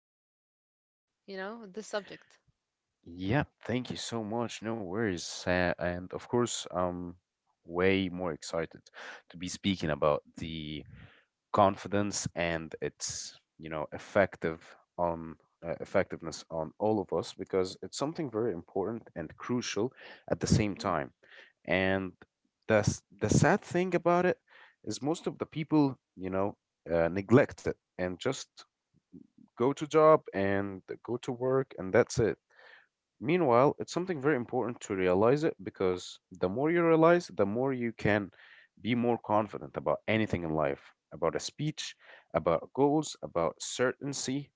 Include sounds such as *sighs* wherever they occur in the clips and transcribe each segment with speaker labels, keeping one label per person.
Speaker 1: to talk about this subject.
Speaker 2: Yeah, thank you so much. No worries. And of course, I'm way more excited to be speaking about the confidence and its, you know, effective on effectiveness on all of us because it's something very important and crucial at the same
Speaker 1: Mm.
Speaker 2: time. And the sad thing about it is most of the people, you know, neglect it and just go to job and go to work and that's it. Meanwhile, it's something very important to realize it because the more you realize, the more you can be more confident about anything in life, about a speech, about goals, about certainty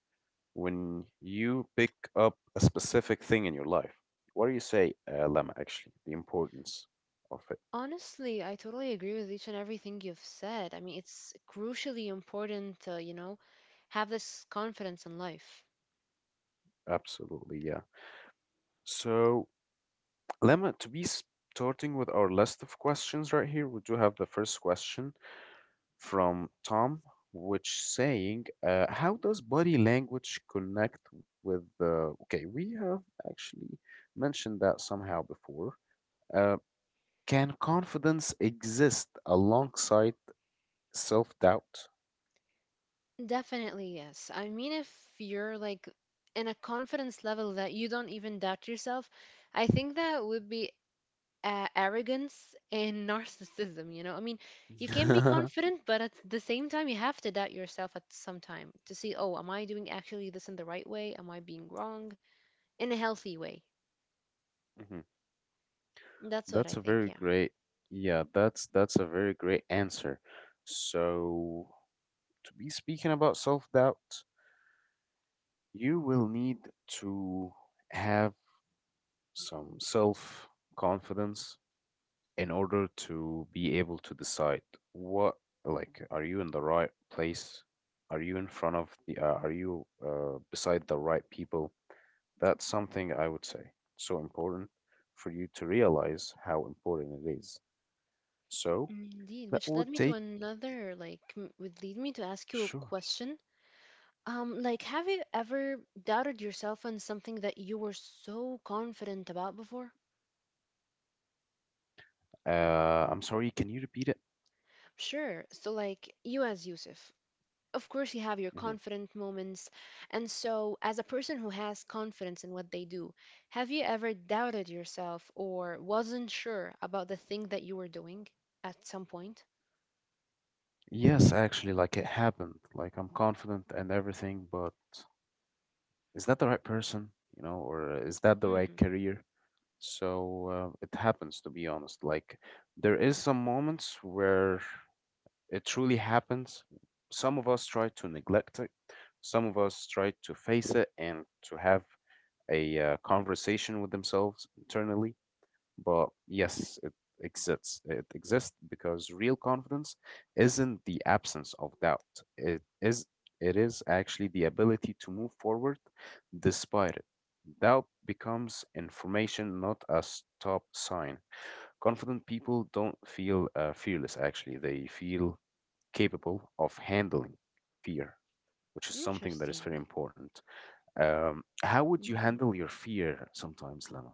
Speaker 2: when you pick up a specific thing in your life. What do you say, Lama, actually? The importance of it.
Speaker 1: Honestly, I totally agree with each and everything you've said. I mean, it's crucially important to, have this confidence in life.
Speaker 2: Absolutely, yeah. So, Lama, to be starting with our list of questions right here, we do have the first question from Tom, which saying, "How does body language connect with the?" Okay, we have actually mentioned that somehow before. Uh, can confidence exist alongside self-doubt?
Speaker 1: Definitely, yes. I mean, if you're like in a confidence level that you don't even doubt yourself, I think that would be arrogance and *laughs* narcissism. I mean, you can be
Speaker 2: *laughs*
Speaker 1: confident, but at the same time you have to doubt yourself at some time to see, oh, am I doing actually this in the right way? Am I being wrong in a healthy way?
Speaker 2: Mhm.
Speaker 1: That's what I
Speaker 2: That's a
Speaker 1: think.
Speaker 2: very
Speaker 1: Yeah.
Speaker 2: great, yeah, that's a very great answer. So, to be speaking about self-doubt, you will need to have some self-confidence in order to be able to decide what, like, are you in the right place? Are you in front of the are you beside the right people? That's something I would say so important for you to realize how important it is. So
Speaker 1: Indeed,
Speaker 2: that
Speaker 1: which led
Speaker 2: would
Speaker 1: me to
Speaker 2: take
Speaker 1: another, like, would lead me to ask you a
Speaker 2: sure.
Speaker 1: question. Like, have you ever doubted yourself on something that you were so confident about before?
Speaker 2: I'm sorry, can you repeat it?
Speaker 1: Sure. So, like you as Yusuf, of course you have your
Speaker 2: Mhm.
Speaker 1: confident moments, and so as a person who has confidence in what they do, have you ever doubted yourself or wasn't sure about the thing that you were doing at some point?
Speaker 2: Yes, actually, like it happened. Like I'm confident and everything, but is that the right person, you know, or is that the right
Speaker 1: Hmm.
Speaker 2: career? So it happens, to be honest. Like there is some moments where it truly happens. Some of us try to neglect it, some of us try to face it and to have a conversation with themselves internally. But yes, it exists. It exists because real confidence isn't the absence of doubt. It is it is actually the ability to move forward despite it. Doubt becomes information, not a stop sign. Confident people don't feel fearless, actually. They feel capable of handling fear, which is something that is very
Speaker 1: Interesting.
Speaker 2: important. How would you
Speaker 1: Hmm.
Speaker 2: handle your fear sometimes, Lama?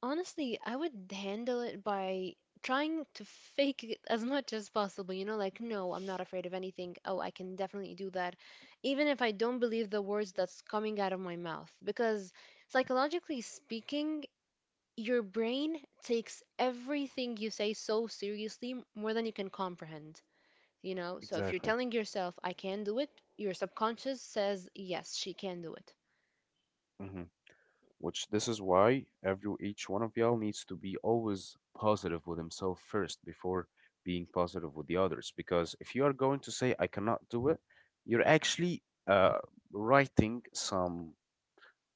Speaker 1: Honestly, I would handle it by trying to fake it as much as possible, like, no, I'm not afraid of anything. Oh, I can definitely do that, even if I don't believe the words that's coming out of my mouth, because psychologically speaking, your brain takes everything you say so seriously, more than you can comprehend. So if you're
Speaker 2: Exactly.
Speaker 1: telling yourself, I can do it, your subconscious says, yes, she can do it.
Speaker 2: Hmm. Which this is why every each one of y'all needs to be always positive with himself first before being positive with the others. Because if you are going to say I cannot do it, you're actually writing some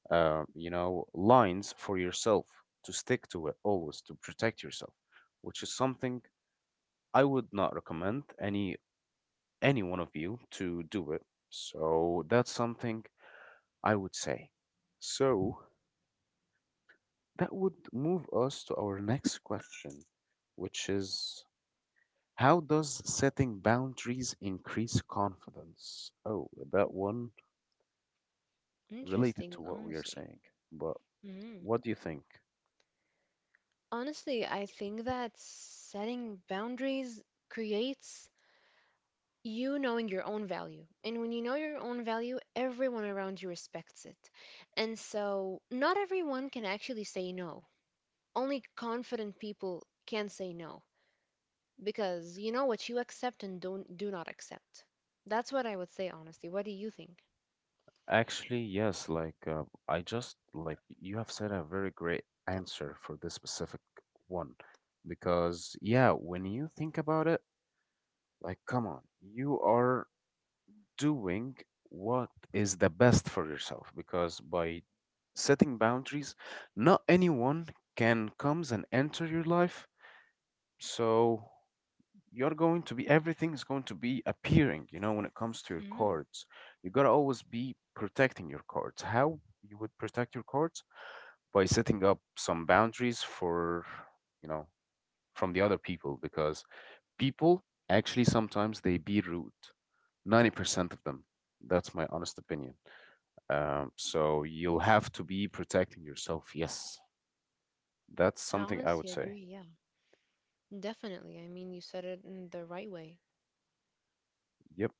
Speaker 2: you know lines for yourself to stick to it always to protect yourself, which is something I would not recommend any one of you to do it. So that's something I would say. So that would move us to our next question, which is how does setting boundaries increase confidence? Oh, that one related
Speaker 1: Interesting,
Speaker 2: to what we are
Speaker 1: honestly.
Speaker 2: saying, but
Speaker 1: Mhm.
Speaker 2: what do you think?
Speaker 1: Honestly, I think that setting boundaries creates you knowing your own value. And when you know your own value, everyone around you respects it. And so, not everyone can actually say no. Only confident people can say no. Because you know what you accept and don't, do not accept. That's what I would say, honestly. What do you think?
Speaker 2: Actually, yes, like I just like you have said a very great answer for this specific one because yeah, when you think about it, like come on, you are doing what is the best for yourself because by setting boundaries not anyone can comes and enter your life so you're going to be everything is going to be appearing you know when it comes to your
Speaker 1: Mm.
Speaker 2: cards. You got to always be protecting your cards. How you would protect your cards by setting up some boundaries for you know from the other people because people actually sometimes they be rude 90% of them, that's my honest opinion. So you'll have to be protecting yourself. Yes, that's
Speaker 1: I
Speaker 2: something I
Speaker 1: honestly
Speaker 2: would
Speaker 1: agree,
Speaker 2: say.
Speaker 1: yeah. Definitely. I mean, you said it in the right way.
Speaker 2: Yep.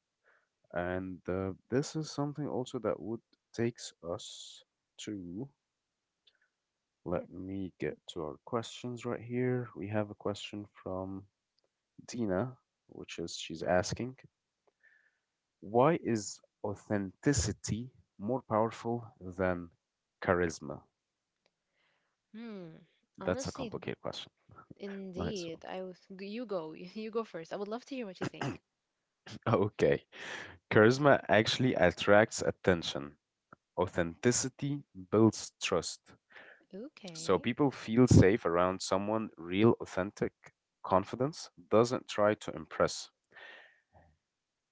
Speaker 2: And this is something also that would takes us to. Let me get to our questions right here. We have a question from Dina, which is she's asking, why is authenticity more powerful than charisma?
Speaker 1: Hmm.
Speaker 2: That's a
Speaker 1: Honestly,
Speaker 2: complicated question. Nice
Speaker 1: indeed.
Speaker 2: one.
Speaker 1: You go. *laughs* You go first. I would love to hear what you think.
Speaker 2: *laughs* Okay. Charisma actually attracts attention. Authenticity builds trust. So
Speaker 1: Okay.
Speaker 2: people feel safe around someone real, authentic. Confidence doesn't try to impress.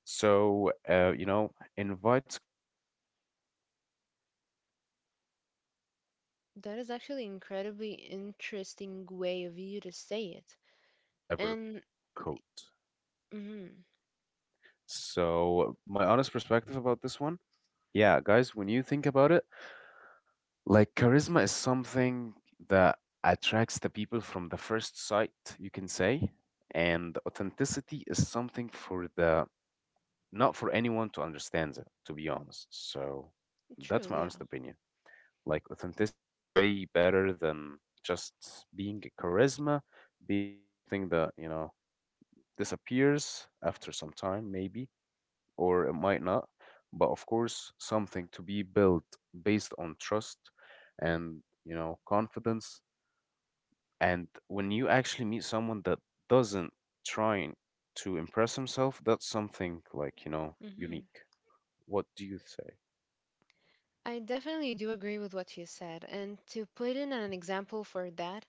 Speaker 2: So, you know, invites confidence, connection over time. Authenticity
Speaker 1: That is
Speaker 2: creates
Speaker 1: actually incredibly
Speaker 2: deeper respect
Speaker 1: interesting way of
Speaker 2: than
Speaker 1: you to
Speaker 2: any
Speaker 1: say it.
Speaker 2: performance ever
Speaker 1: And
Speaker 2: could.
Speaker 1: mm,
Speaker 2: So, my honest perspective about this one, yeah, guys, when you think about it, like charisma is something that attracts the people from the first sight, you can say, and authenticity is something for the not for anyone to understand it, to be honest. So that's
Speaker 1: true,
Speaker 2: my
Speaker 1: yeah.
Speaker 2: honest opinion. Like authenticity is way better than just being a charisma, being something that, you know, disappears after some time, maybe or it might not. But of course, something to be built based on trust and, you know, confidence. And when you actually meet someone that doesn't trying to impress himself, that's something like, you know,
Speaker 1: Hmm.
Speaker 2: unique. What do you say?
Speaker 1: I definitely do agree with what you said. And to put in an example for that,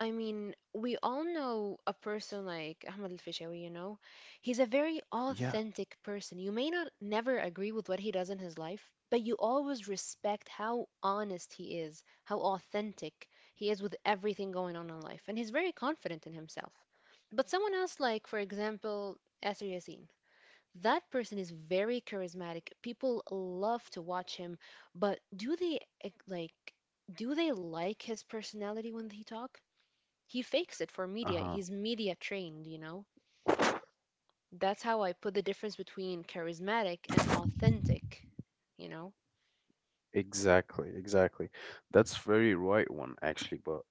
Speaker 1: I mean, we all know a person like Ahmed Al-Fishawi, you know. He's a very
Speaker 2: Yeah.
Speaker 1: authentic person. You may not never agree with what he does in his life, but you always respect how honest he is, how authentic he is with everything going on in life, and he's very confident in himself. But someone else like, for example, Yasser Yassin, that person is very charismatic. People love to watch him, but do they like his personality when they talk? He fakes it for
Speaker 2: Uh
Speaker 1: media.
Speaker 2: huh.
Speaker 1: He's media trained. That's how I put the difference between charismatic and authentic, you know.
Speaker 2: Exactly, exactly. That's very right one actually, but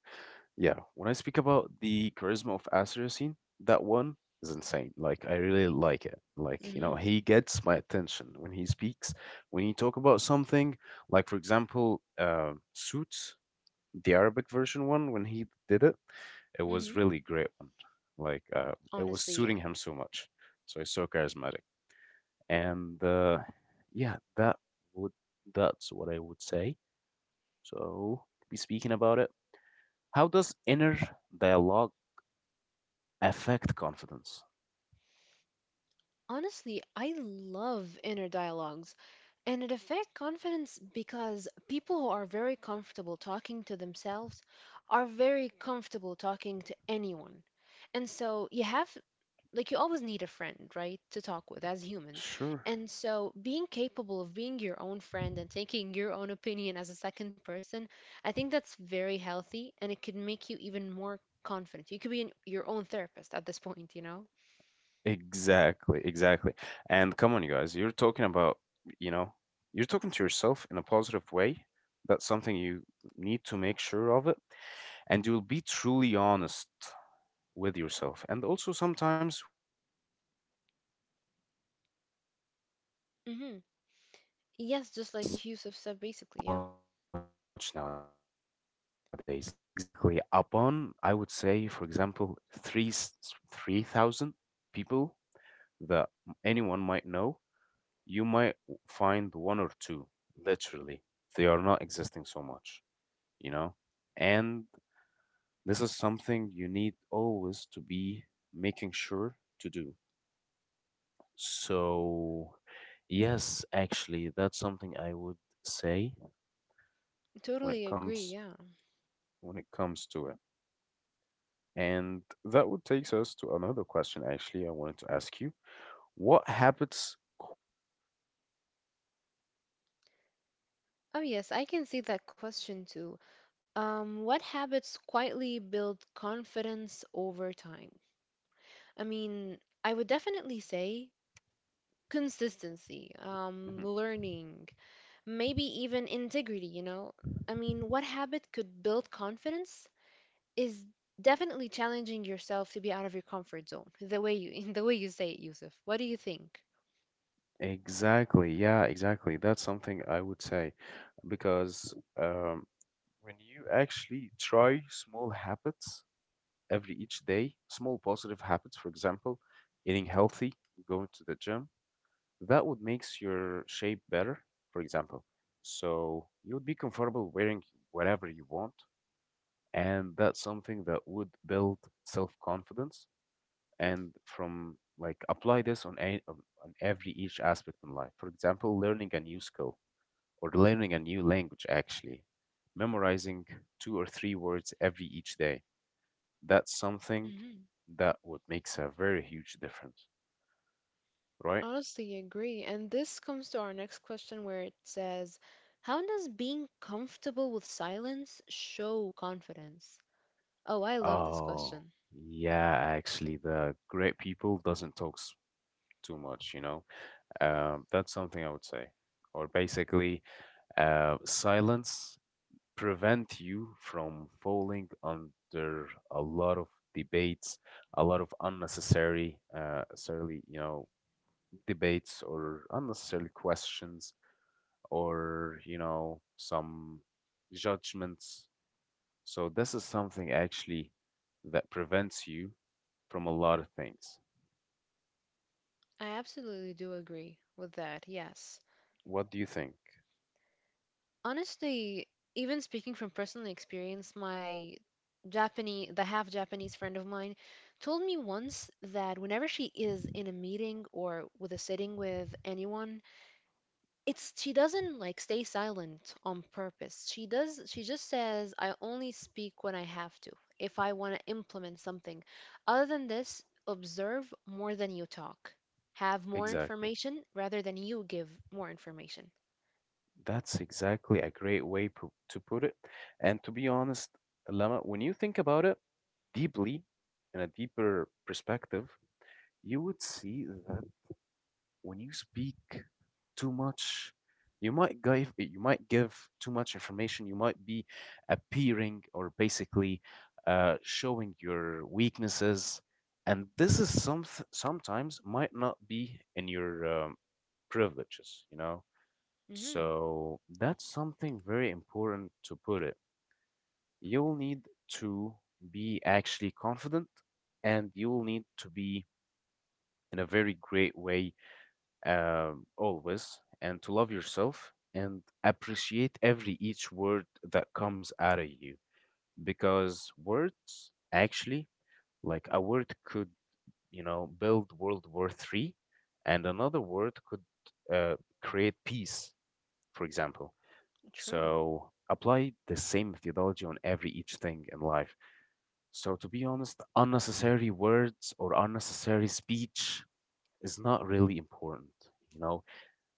Speaker 2: yeah, when I speak about the charisma of Asir Yassin, that one is insane. Like I really like it. Like, you know,
Speaker 1: Mhm.
Speaker 2: he gets my attention when he speaks. When he talk about something, like for example, Suits, the Arabic version one, when he did it, it was
Speaker 1: Mhm.
Speaker 2: really great one. Like uh, it was
Speaker 1: Honestly, yeah.
Speaker 2: suiting him so much. So he's so charismatic. And yeah, that would that's what I would say. So, be speaking about it, how does inner dialogue affect confidence?
Speaker 1: Honestly, I love inner dialogues. And it affects confidence because people who are very comfortable talking to themselves are very comfortable talking to anyone. And so you have like you always need a friend, right, to talk with as humans.
Speaker 2: Sure.
Speaker 1: And so being capable of being your own friend and taking your own opinion as a second person, I think that's very healthy, and it could make you even more confident. You could be your own therapist at this point, you know?
Speaker 2: Exactly, exactly. And come on, you guys, you're talking about, you know, you're talking to yourself in a positive way. That's something you need to make sure of it. And you'll be truly honest with yourself. And also, sometimes we need a friend, like a truthful friend, which
Speaker 1: Hmm.
Speaker 2: is not
Speaker 1: Yes, just
Speaker 2: existing
Speaker 1: like
Speaker 2: so
Speaker 1: Yusuf said,
Speaker 2: much
Speaker 1: basically,
Speaker 2: nowadays.
Speaker 1: yeah.
Speaker 2: Like, upon, uh, exactly, upon, I would say, for example, 3,000 people that anyone might know, you might find one or two, literally. They are not existing so much, you know? And this is something you need always to be making sure to do. So, yes, actually, that's something I would say when it
Speaker 1: Totally agree,
Speaker 2: comes
Speaker 1: yeah.
Speaker 2: when it comes to it. And that would takes us to another question actually I wanted to ask you. What habits quietly build confidence over time?
Speaker 1: Oh, yes, I can see that question too. What habits quietly build confidence over time? I mean, I would definitely say
Speaker 2: Mhm.
Speaker 1: consistency, learning, maybe even integrity, you know? I mean, what habit could build confidence is definitely challenging yourself to be out of your comfort zone, the way you *laughs* in the way you say it, Yusuf. What do you think?
Speaker 2: Exactly. Yeah, exactly. That's something I would say because when you actually try small habits, every each day small positive habits, for example, eating healthy, going to the gym, that would makes your shape better, for example. So you would be comfortable wearing whatever you want, and that's something that would build self-confidence and from like apply this on on every each aspect in life. For example, learning a new skill or learning a new language actually memorizing two or three words every each day, that's something
Speaker 1: Hmm.
Speaker 2: that would makes a very huge difference, right?
Speaker 1: Honestly, agree. And this comes to our next question where it says, how does being comfortable with silence show confidence? Oh, I love this question.
Speaker 2: Oh, yeah, actually, the great people doesn't too much, you know. That's something I would say. Or basically, silence prevent you from falling under a lot of debates, a lot of unnecessary, necessarily, you know, debates or unnecessarily questions or, you know, some judgments. So this is something actually that prevents you from a lot of things.
Speaker 1: I absolutely do agree with that, yes.
Speaker 2: What do you think?
Speaker 1: Honestly, even speaking from personal experience, my Japanese, the half Japanese friend of mine told me once that whenever she is in a meeting or with a sitting with anyone, it's she doesn't like stay silent on purpose. She just says, I only speak when I have to, if I want to implement something. Other than this, observe more than you talk. Have more
Speaker 2: Exactly.
Speaker 1: information rather than you give more information.
Speaker 2: That's exactly a great way to put it. And to be honest, Lama, when you think about it deeply, in a deeper perspective, you would see that when you speak too much, you might give too much information. You might be appearing or basically showing your weaknesses, and this is some sometimes might not be in your privileges. You know,
Speaker 1: Hmm.
Speaker 2: so that's something very important to put it. You'll need to be actually confident, and you'll need to be in a very great way always and to love yourself and appreciate every each word that comes out of you because words actually, like a word could you know build World War III and another word could uh, create peace, for example.
Speaker 1: True.
Speaker 2: So apply the same methodology on every each thing in life. So to be honest, unnecessary words or unnecessary speech is not really important, you know,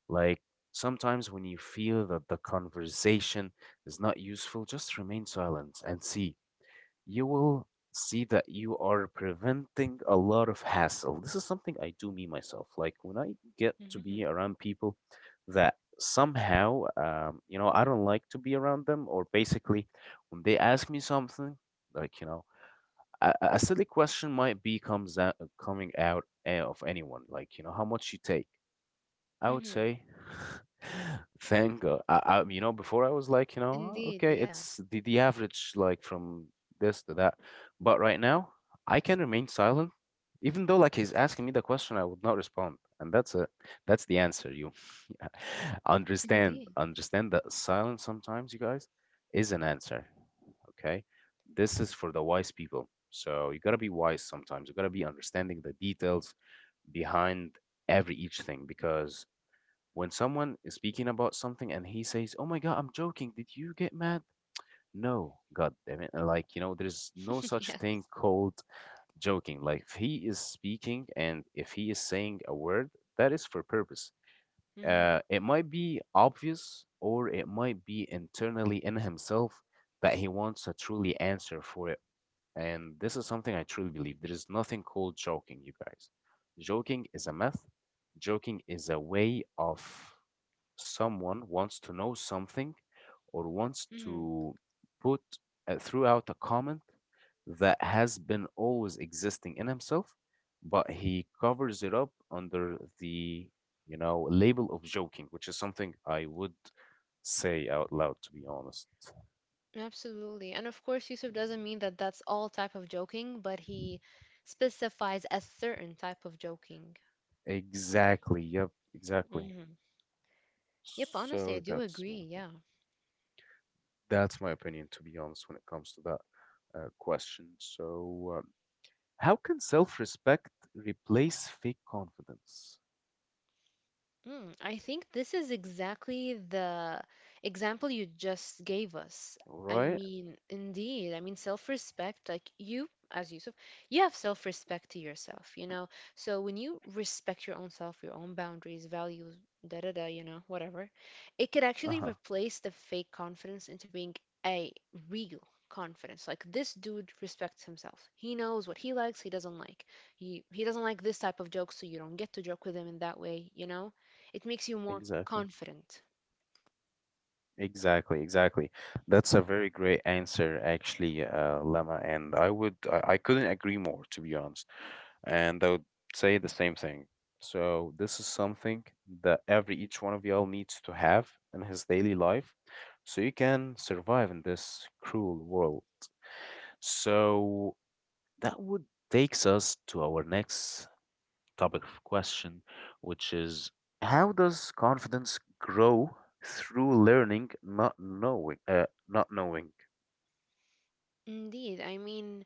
Speaker 2: like sometimes when you feel that the conversation is not useful, just remain silent and see. You will see that you are preventing a lot of hassle. This is something I do me myself. Like when I get to
Speaker 1: Hmm.
Speaker 2: be around people that somehow, I don't like to be around them, or basically when they ask me something, like, you know, a silly question might be comes out, coming out of anyone, how much you take I would
Speaker 1: Hmm.
Speaker 2: say, *sighs* *laughs* thank God. Before I was "Oh,
Speaker 1: Indeed,
Speaker 2: okay,
Speaker 1: yeah.
Speaker 2: it's the average, like from this to that. But right now, I can remain silent, even though like he's asking me the question, I would not respond. And that's the answer. You *laughs* yeah. understand
Speaker 1: Indeed.
Speaker 2: understand that silence sometimes, you guys, is an answer. Okay, this is for the wise people. So you gotta be wise sometimes. You gotta be understanding the details behind every each thing because when someone is speaking about something and he says, "Oh my God, I'm joking. Did you get mad?" No, God damn it. There's no
Speaker 1: *laughs*
Speaker 2: such thing
Speaker 1: Yes.
Speaker 2: called joking. Like, if he is speaking and if he is saying a word, that is for purpose.
Speaker 1: Mhm.
Speaker 2: It might be obvious or it might be internally in himself that he wants a truly answer for it. And this is something I truly believe. There is nothing called joking, you guys. Joking is a myth. Joking is a way of someone wants to know something or wants
Speaker 1: Mhm.
Speaker 2: to put throughout a comment that has been always existing in himself, but he covers it up under the label of joking, which is something I would say out loud to be honest.
Speaker 1: Absolutely. And of course, Yusuf doesn't mean that that's all type of joking, but he specifies a certain type of joking.
Speaker 2: Exactly. Yep. Exactly.
Speaker 1: Mhm. Yep, honestly, I
Speaker 2: So
Speaker 1: do
Speaker 2: that's my
Speaker 1: agree.
Speaker 2: opinion.
Speaker 1: Yeah.
Speaker 2: That's my opinion, to be honest, when it comes to that question. So how can self respect replace fake confidence?
Speaker 1: Mm, I think this is exactly the example you just gave us. I
Speaker 2: Right?
Speaker 1: mean, indeed, self-respect, like you, as Yusuf, you have self-respect to yourself, you know? So when you respect your own self, your own boundaries, values, da da da, whatever, it could
Speaker 2: Uh
Speaker 1: actually
Speaker 2: huh.
Speaker 1: replace the fake confidence into being a real confidence. Like this dude respects himself. He knows what he likes, he doesn't like. He doesn't like this type of joke, so you don't get to joke with him in that way, you know? It makes you more
Speaker 2: Exactly.
Speaker 1: confident.
Speaker 2: Exactly. Exactly. That's a very great answer, actually, Lama. And I would, I couldn't agree more, to be honest. And I would say the same thing. So this is something that every each one of y'all needs to have in his daily life, so you can survive in this cruel world. So that would takes us to our next topic of question, which is how does confidence grow through learning, not knowing, not knowing?
Speaker 1: Indeed. I mean,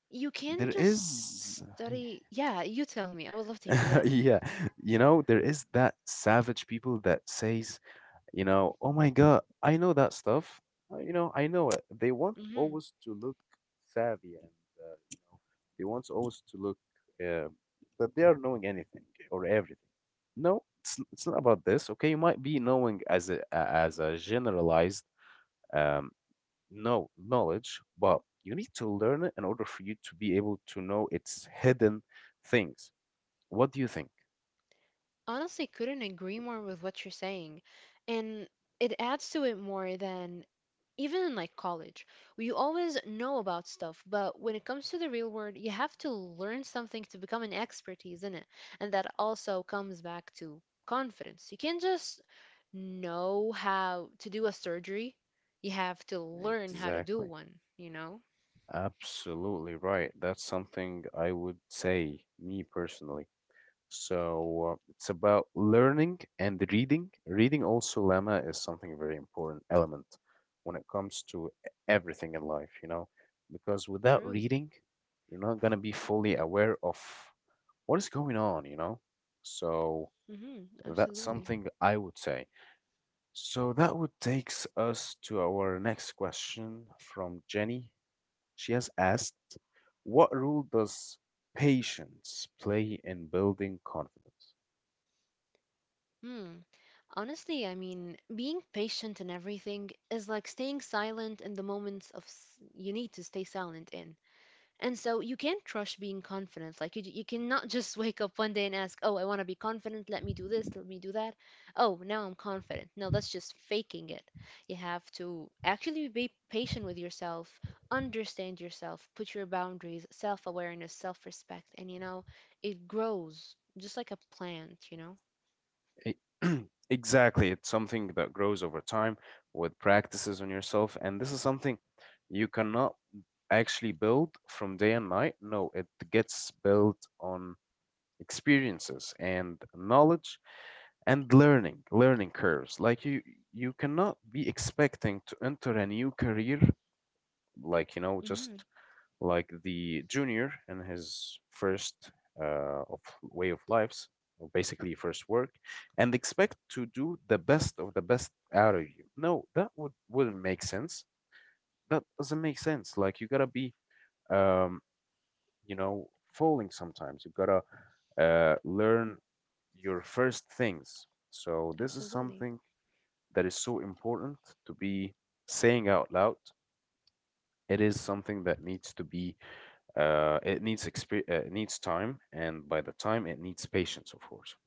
Speaker 1: you can
Speaker 2: There
Speaker 1: just
Speaker 2: is,
Speaker 1: study. Yeah, you tell me. I would love to hear. Yeah.
Speaker 2: *laughs* yeah, there is that savage people that says you know, oh my God, I know that stuff. You know, I know it. They want
Speaker 1: Hmm.
Speaker 2: always to look savvy and, they want always to look uh, that they are knowing anything or everything. No, it's not about this. Okay, you might be knowing as as a generalized um, no knowledge, but you need to learn it in order for you to be able to know its hidden things. What do you think?
Speaker 1: Honestly, couldn't agree more with what you're saying. And it adds to it more than even in like college. We always know about stuff, but when it comes to the real world, you have to learn something to become an expertise in it. And that also comes back to confidence. You can't just know how to do a surgery, you have to learn how to do
Speaker 2: Exactly.
Speaker 1: one, you know?
Speaker 2: Absolutely right. That's something I would say, me personally. So it's about learning and reading. Reading also, Lama, is something very important element when it comes to everything in life, you know, because without
Speaker 1: True.
Speaker 2: reading, you're not going to be fully aware of what is going on, you know. So
Speaker 1: Hmm.
Speaker 2: that's
Speaker 1: Absolutely.
Speaker 2: something I would say. So that would takes us to our next question from Jenny. She has asked, what role does patience play in building confidence?
Speaker 1: Hmm. Honestly, I mean, being patient and everything is like staying silent in the moments of you need to stay silent in. And so you can't trust being confident. Like you cannot *laughs* just wake up one day and ask, "Oh, I want to be confident. Let me do this. Let me do that." Oh, now I'm confident. No, that's just faking it. You have to actually be patient with yourself, understand yourself, put your boundaries, self-awareness, self-respect, and it grows just like a plant, you know?
Speaker 2: E- *clears throat* exactly. It's something that grows over time with practices on yourself. And this is something you cannot actually build from day and night. No, it gets built on experiences and knowledge and learning, learning curves. Like, you cannot be expecting to enter a new career like you know just
Speaker 1: Mhm,
Speaker 2: like the junior in his first of way of lives, or basically first work, and expect to do the best of the best out of you. No, that wouldn't make sense. That doesn't make sense. Like you gotta be, um, you know, falling sometimes. You gotta learn your first things. So this is
Speaker 1: absolutely.
Speaker 2: something that is so important to be saying out loud. It is something that needs to be it needs time, and by the time it needs patience, of course.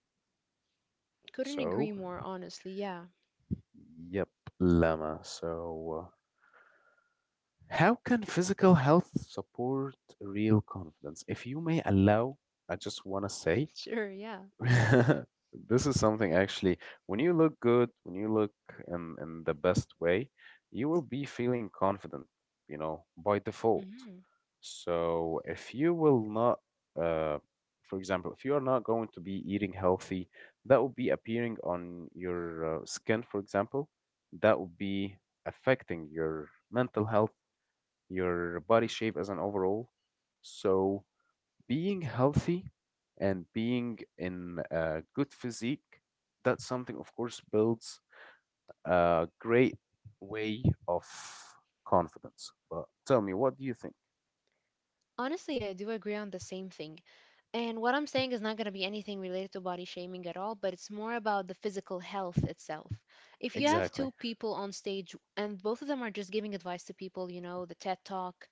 Speaker 1: Couldn't agree
Speaker 2: So,
Speaker 1: more, honestly. Yeah. *laughs*
Speaker 2: yep, Lama. So, how can physical health support real confidence? If you may allow, I just want to say,
Speaker 1: Sure, yeah.
Speaker 2: *laughs* this is something actually. When you look good, when you look in the best way, you will be feeling confident, you know, by default.
Speaker 1: Mhm.
Speaker 2: So if you will not, uh, for example, if you are not going to be eating healthy, that would be appearing on your skin, for example. That would be affecting your mental health, your body shape as an overall. So being healthy and being in a good physique, that's something, of course, builds a great way of confidence. But tell me, what do you think
Speaker 1: Honestly, I do agree on the same thing. And what I'm saying is not going to be anything related to body shaming at all, but it's more about the physical health itself. If you have
Speaker 2: exactly?
Speaker 1: two people on stage and both of them are just giving advice to people, the TED Talk,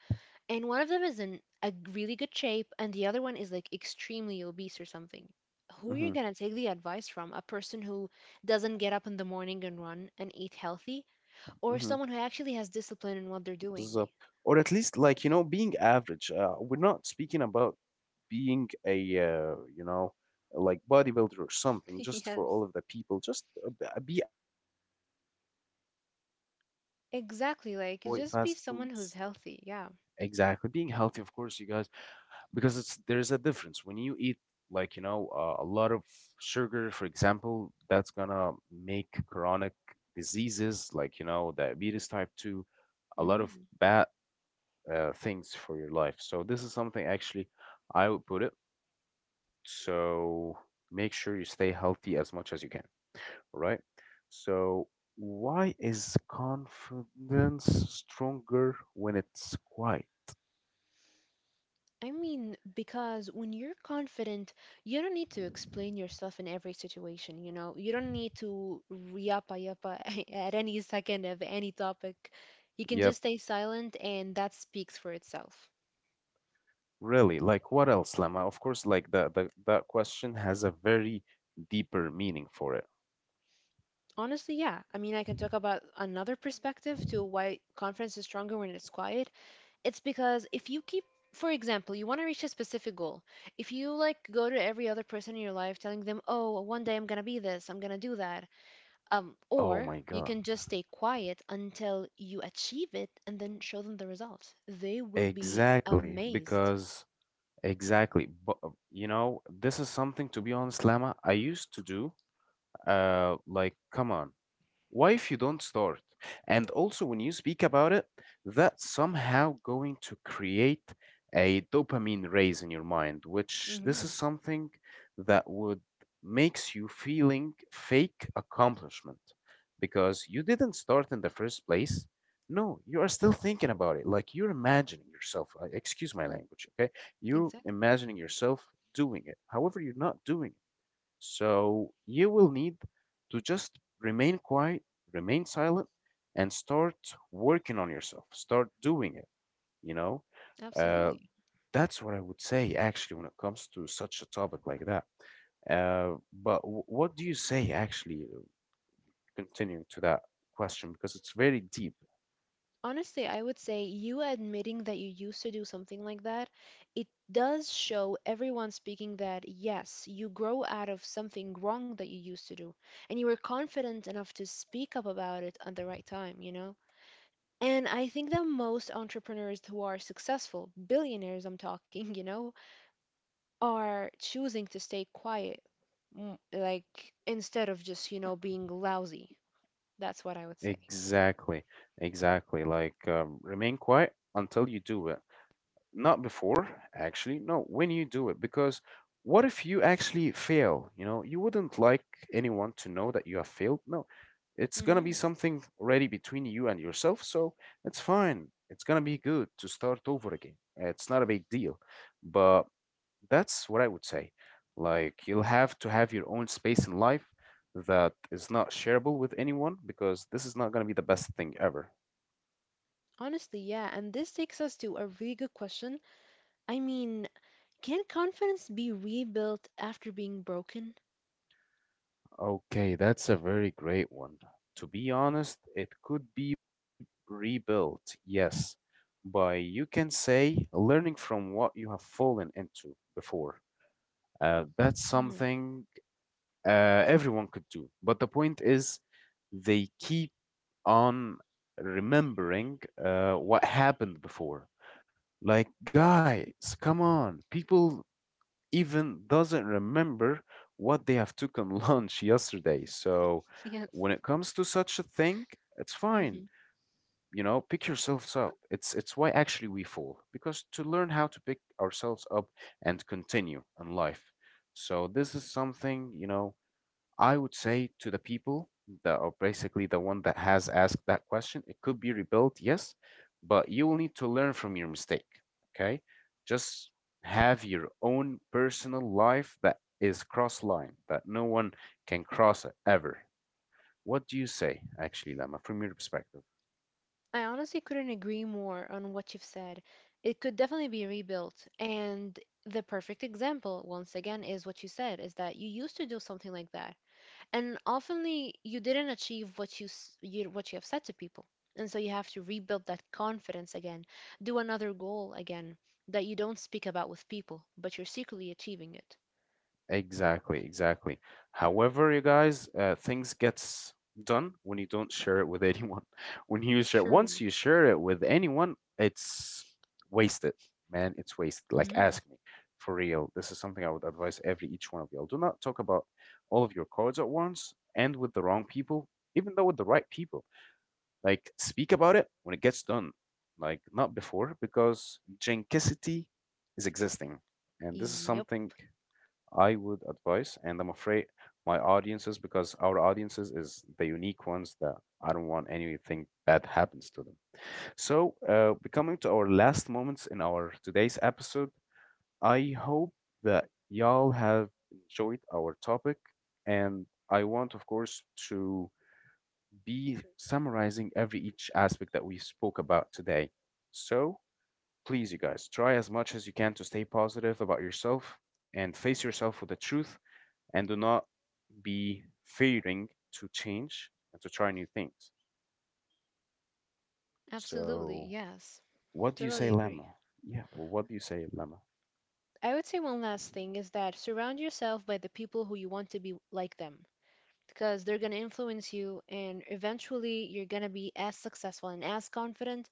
Speaker 1: and one of them is in a really good shape and the other one is like extremely obese or something, who are you
Speaker 2: Mm-hmm,
Speaker 1: going to take the advice from? A person who doesn't get up in the morning and run and eat healthy, or
Speaker 2: mm-hmm,
Speaker 1: someone who actually has discipline in what they're doing?
Speaker 2: بالظبط. Or at least like you know being average. We're not speaking about being a like bodybuilder or something.
Speaker 1: *laughs*
Speaker 2: Just for
Speaker 1: Yes.
Speaker 2: all of the people, just be average. Appreciate what you're eating.
Speaker 1: Exactly, like
Speaker 2: Avoid
Speaker 1: just be
Speaker 2: fast
Speaker 1: someone who's
Speaker 2: foods.
Speaker 1: healthy. Yeah.
Speaker 2: Exactly. Being healthy, of course, you guys. Because it's there's a difference when you eat like you know a lot of sugar, for example. That's gonna make chronic diseases like you know diabetes type 2, a lot of
Speaker 1: Hmm.
Speaker 2: bad things for your life. So this is something actually I would put it. So make sure you stay healthy as much as you can. All right. So why is confidence stronger when it's quiet?
Speaker 1: I mean, because when you're confident, you don't need to explain yourself in every situation, you know? You don't need to yappa yappa *laughs* at any second of any topic. You can just
Speaker 2: Yep.
Speaker 1: stay silent, and that speaks for itself.
Speaker 2: Really, like what else, Lama? Of course, like the that question has a very deeper meaning for it.
Speaker 1: Honestly, yeah. I mean, I can talk about another perspective to why confidence is stronger when it's quiet. It's because if you keep, for example, you want to reach a specific goal. If you like go to every other person in your life telling them, oh, one day I'm going to be this, I'm going to do that.
Speaker 2: Oh
Speaker 1: Or
Speaker 2: my
Speaker 1: you
Speaker 2: God.
Speaker 1: can just stay quiet until you achieve it and then show them the results. They will be
Speaker 2: Exactly,
Speaker 1: amazed.
Speaker 2: because exactly, but you know, this is something, to be honest, Lama, I used to do. Like, come on. Why if you don't start? And also, when you speak about it, that's somehow going to create a dopamine raise in your mind, which this
Speaker 1: Hmm.
Speaker 2: is something that would makes you feeling fake accomplishment because you didn't start in the first place. No, you are still thinking about it. Like you're imagining yourself, excuse my language, okay? You
Speaker 1: Exactly.
Speaker 2: imagining yourself doing it. However, you're not doing, so you will need to just remain quiet, remain silent, and start working on yourself. Start doing it, you know? Uh,
Speaker 1: Absolutely.
Speaker 2: that's what I would say, actually, when it comes to such a topic like that. But w what do you say, actually, continuing to that question? Because it's very deep.
Speaker 1: Honestly, I would say you admitting that you used to do something like that, it does show everyone speaking that yes, you grow out of something wrong that you used to do, and you were confident enough to speak up about it at the right time, you know? And I think that most entrepreneurs who are successful, billionaires I'm talking, *laughs* are choosing to stay quiet, like instead of just, being lousy. That's what I would say.
Speaker 2: Exactly, exactly. Like, remain quiet until you do it. Not before, actually. No, when you do it. Because what if you actually fail? You know, you wouldn't like anyone to know that you have failed. No, it's going to be
Speaker 1: Hmm.
Speaker 2: something already between you and yourself. So it's fine. It's going to be good to start over again. It's not a big deal. But that's what I would say. Like, you'll have to have your own space in life that is not shareable with anyone because this is not going to be the best thing ever.
Speaker 1: Honestly, yeah, and this takes us to a really good question. I mean, can confidence be rebuilt after being broken?
Speaker 2: Okay, that's a very great one. To be honest, it could be rebuilt, yes, by you can say learning from what you have fallen into before. That's
Speaker 1: Hmm. *laughs*
Speaker 2: something everyone could do. But the point is, they keep on remembering what happened before. Like, guys, come on, people even doesn't remember what they have taken *laughs* lunch yesterday. So
Speaker 1: Yes.
Speaker 2: when it comes to such a thing, it's fine.
Speaker 1: Hmm.
Speaker 2: You know, pick yourselves up. It's why actually we fall, because to learn how to pick ourselves up and continue in life. So this is something you know I would say to the people that are basically the one that has asked that question, it could be rebuilt, yes, but you will need to learn from your mistake. Okay. Just have your own personal life that is cross line, that no one can cross it ever. What do you say, actually, Lama, from your perspective?
Speaker 1: I honestly couldn't agree more on what you've said. It could definitely be rebuilt. And the perfect example, once again, is what you said, is that you used to do something like that, and oftenly you didn't achieve what you have said to people, and so you have to rebuild that confidence again. Do another goal again that you don't speak about with people, but you're secretly achieving it.
Speaker 2: Exactly, exactly. However, you guys, things gets done when you don't share it with anyone. *laughs* When you share, once
Speaker 1: True.
Speaker 2: you share it with anyone, it's wasted, man. It's wasted. Like,
Speaker 1: Hmm.
Speaker 2: ask me for real. This is something I would advise every each one of y'all. Do not talk about all of your cards at once and with the wrong people, even though with the right people. Like, speak about it when it gets done, like not before, because jankicity is existing, and this is
Speaker 1: Yep.
Speaker 2: something. I would advise, and I'm afraid my audiences, because our audiences is the unique ones that I don't want anything bad happens to them. So, we're coming to our last moments in our today's episode. I hope that y'all have enjoyed our topic, and I want, of course, to be summarizing every each aspect that we spoke about today. So, please, you guys, try as much as you can to stay positive about yourself and face yourself with the truth and do not be fearing to change and to try new things.
Speaker 1: Absolutely.
Speaker 2: So,
Speaker 1: Yes.
Speaker 2: what do you say,
Speaker 1: Totally agree.
Speaker 2: Lemma? Yeah, or what do you say, Lemma?
Speaker 1: I would say one last thing is that surround yourself by the people who you want to be like them, because they're going to influence you, and eventually you're going to be as successful and as confident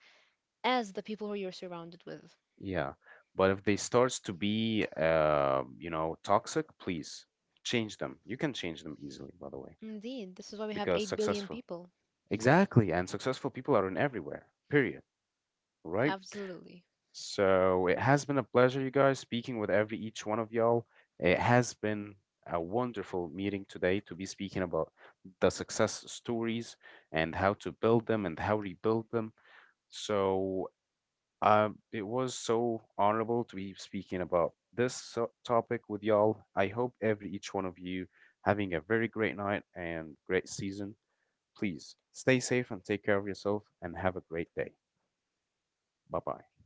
Speaker 1: as the people who you're surrounded with.
Speaker 2: Yeah, but if they starts to be, you know, toxic, please change them. You can change them easily, by the way,
Speaker 1: Indeed, this is why we have
Speaker 2: because
Speaker 1: 8 billion
Speaker 2: successful,
Speaker 1: people.
Speaker 2: exactly, and successful people are in everywhere. Period. Right?
Speaker 1: Absolutely.
Speaker 2: So it has been a pleasure, you guys, speaking with every each one of y'all. It has been a wonderful meeting today to be speaking about the success stories and how to build them and how rebuild them. So it was so honorable to be speaking about this so- topic with y'all. I hope every each one of you having a very great night and great season. Please stay safe and take care of yourself and have a great day. Bye bye.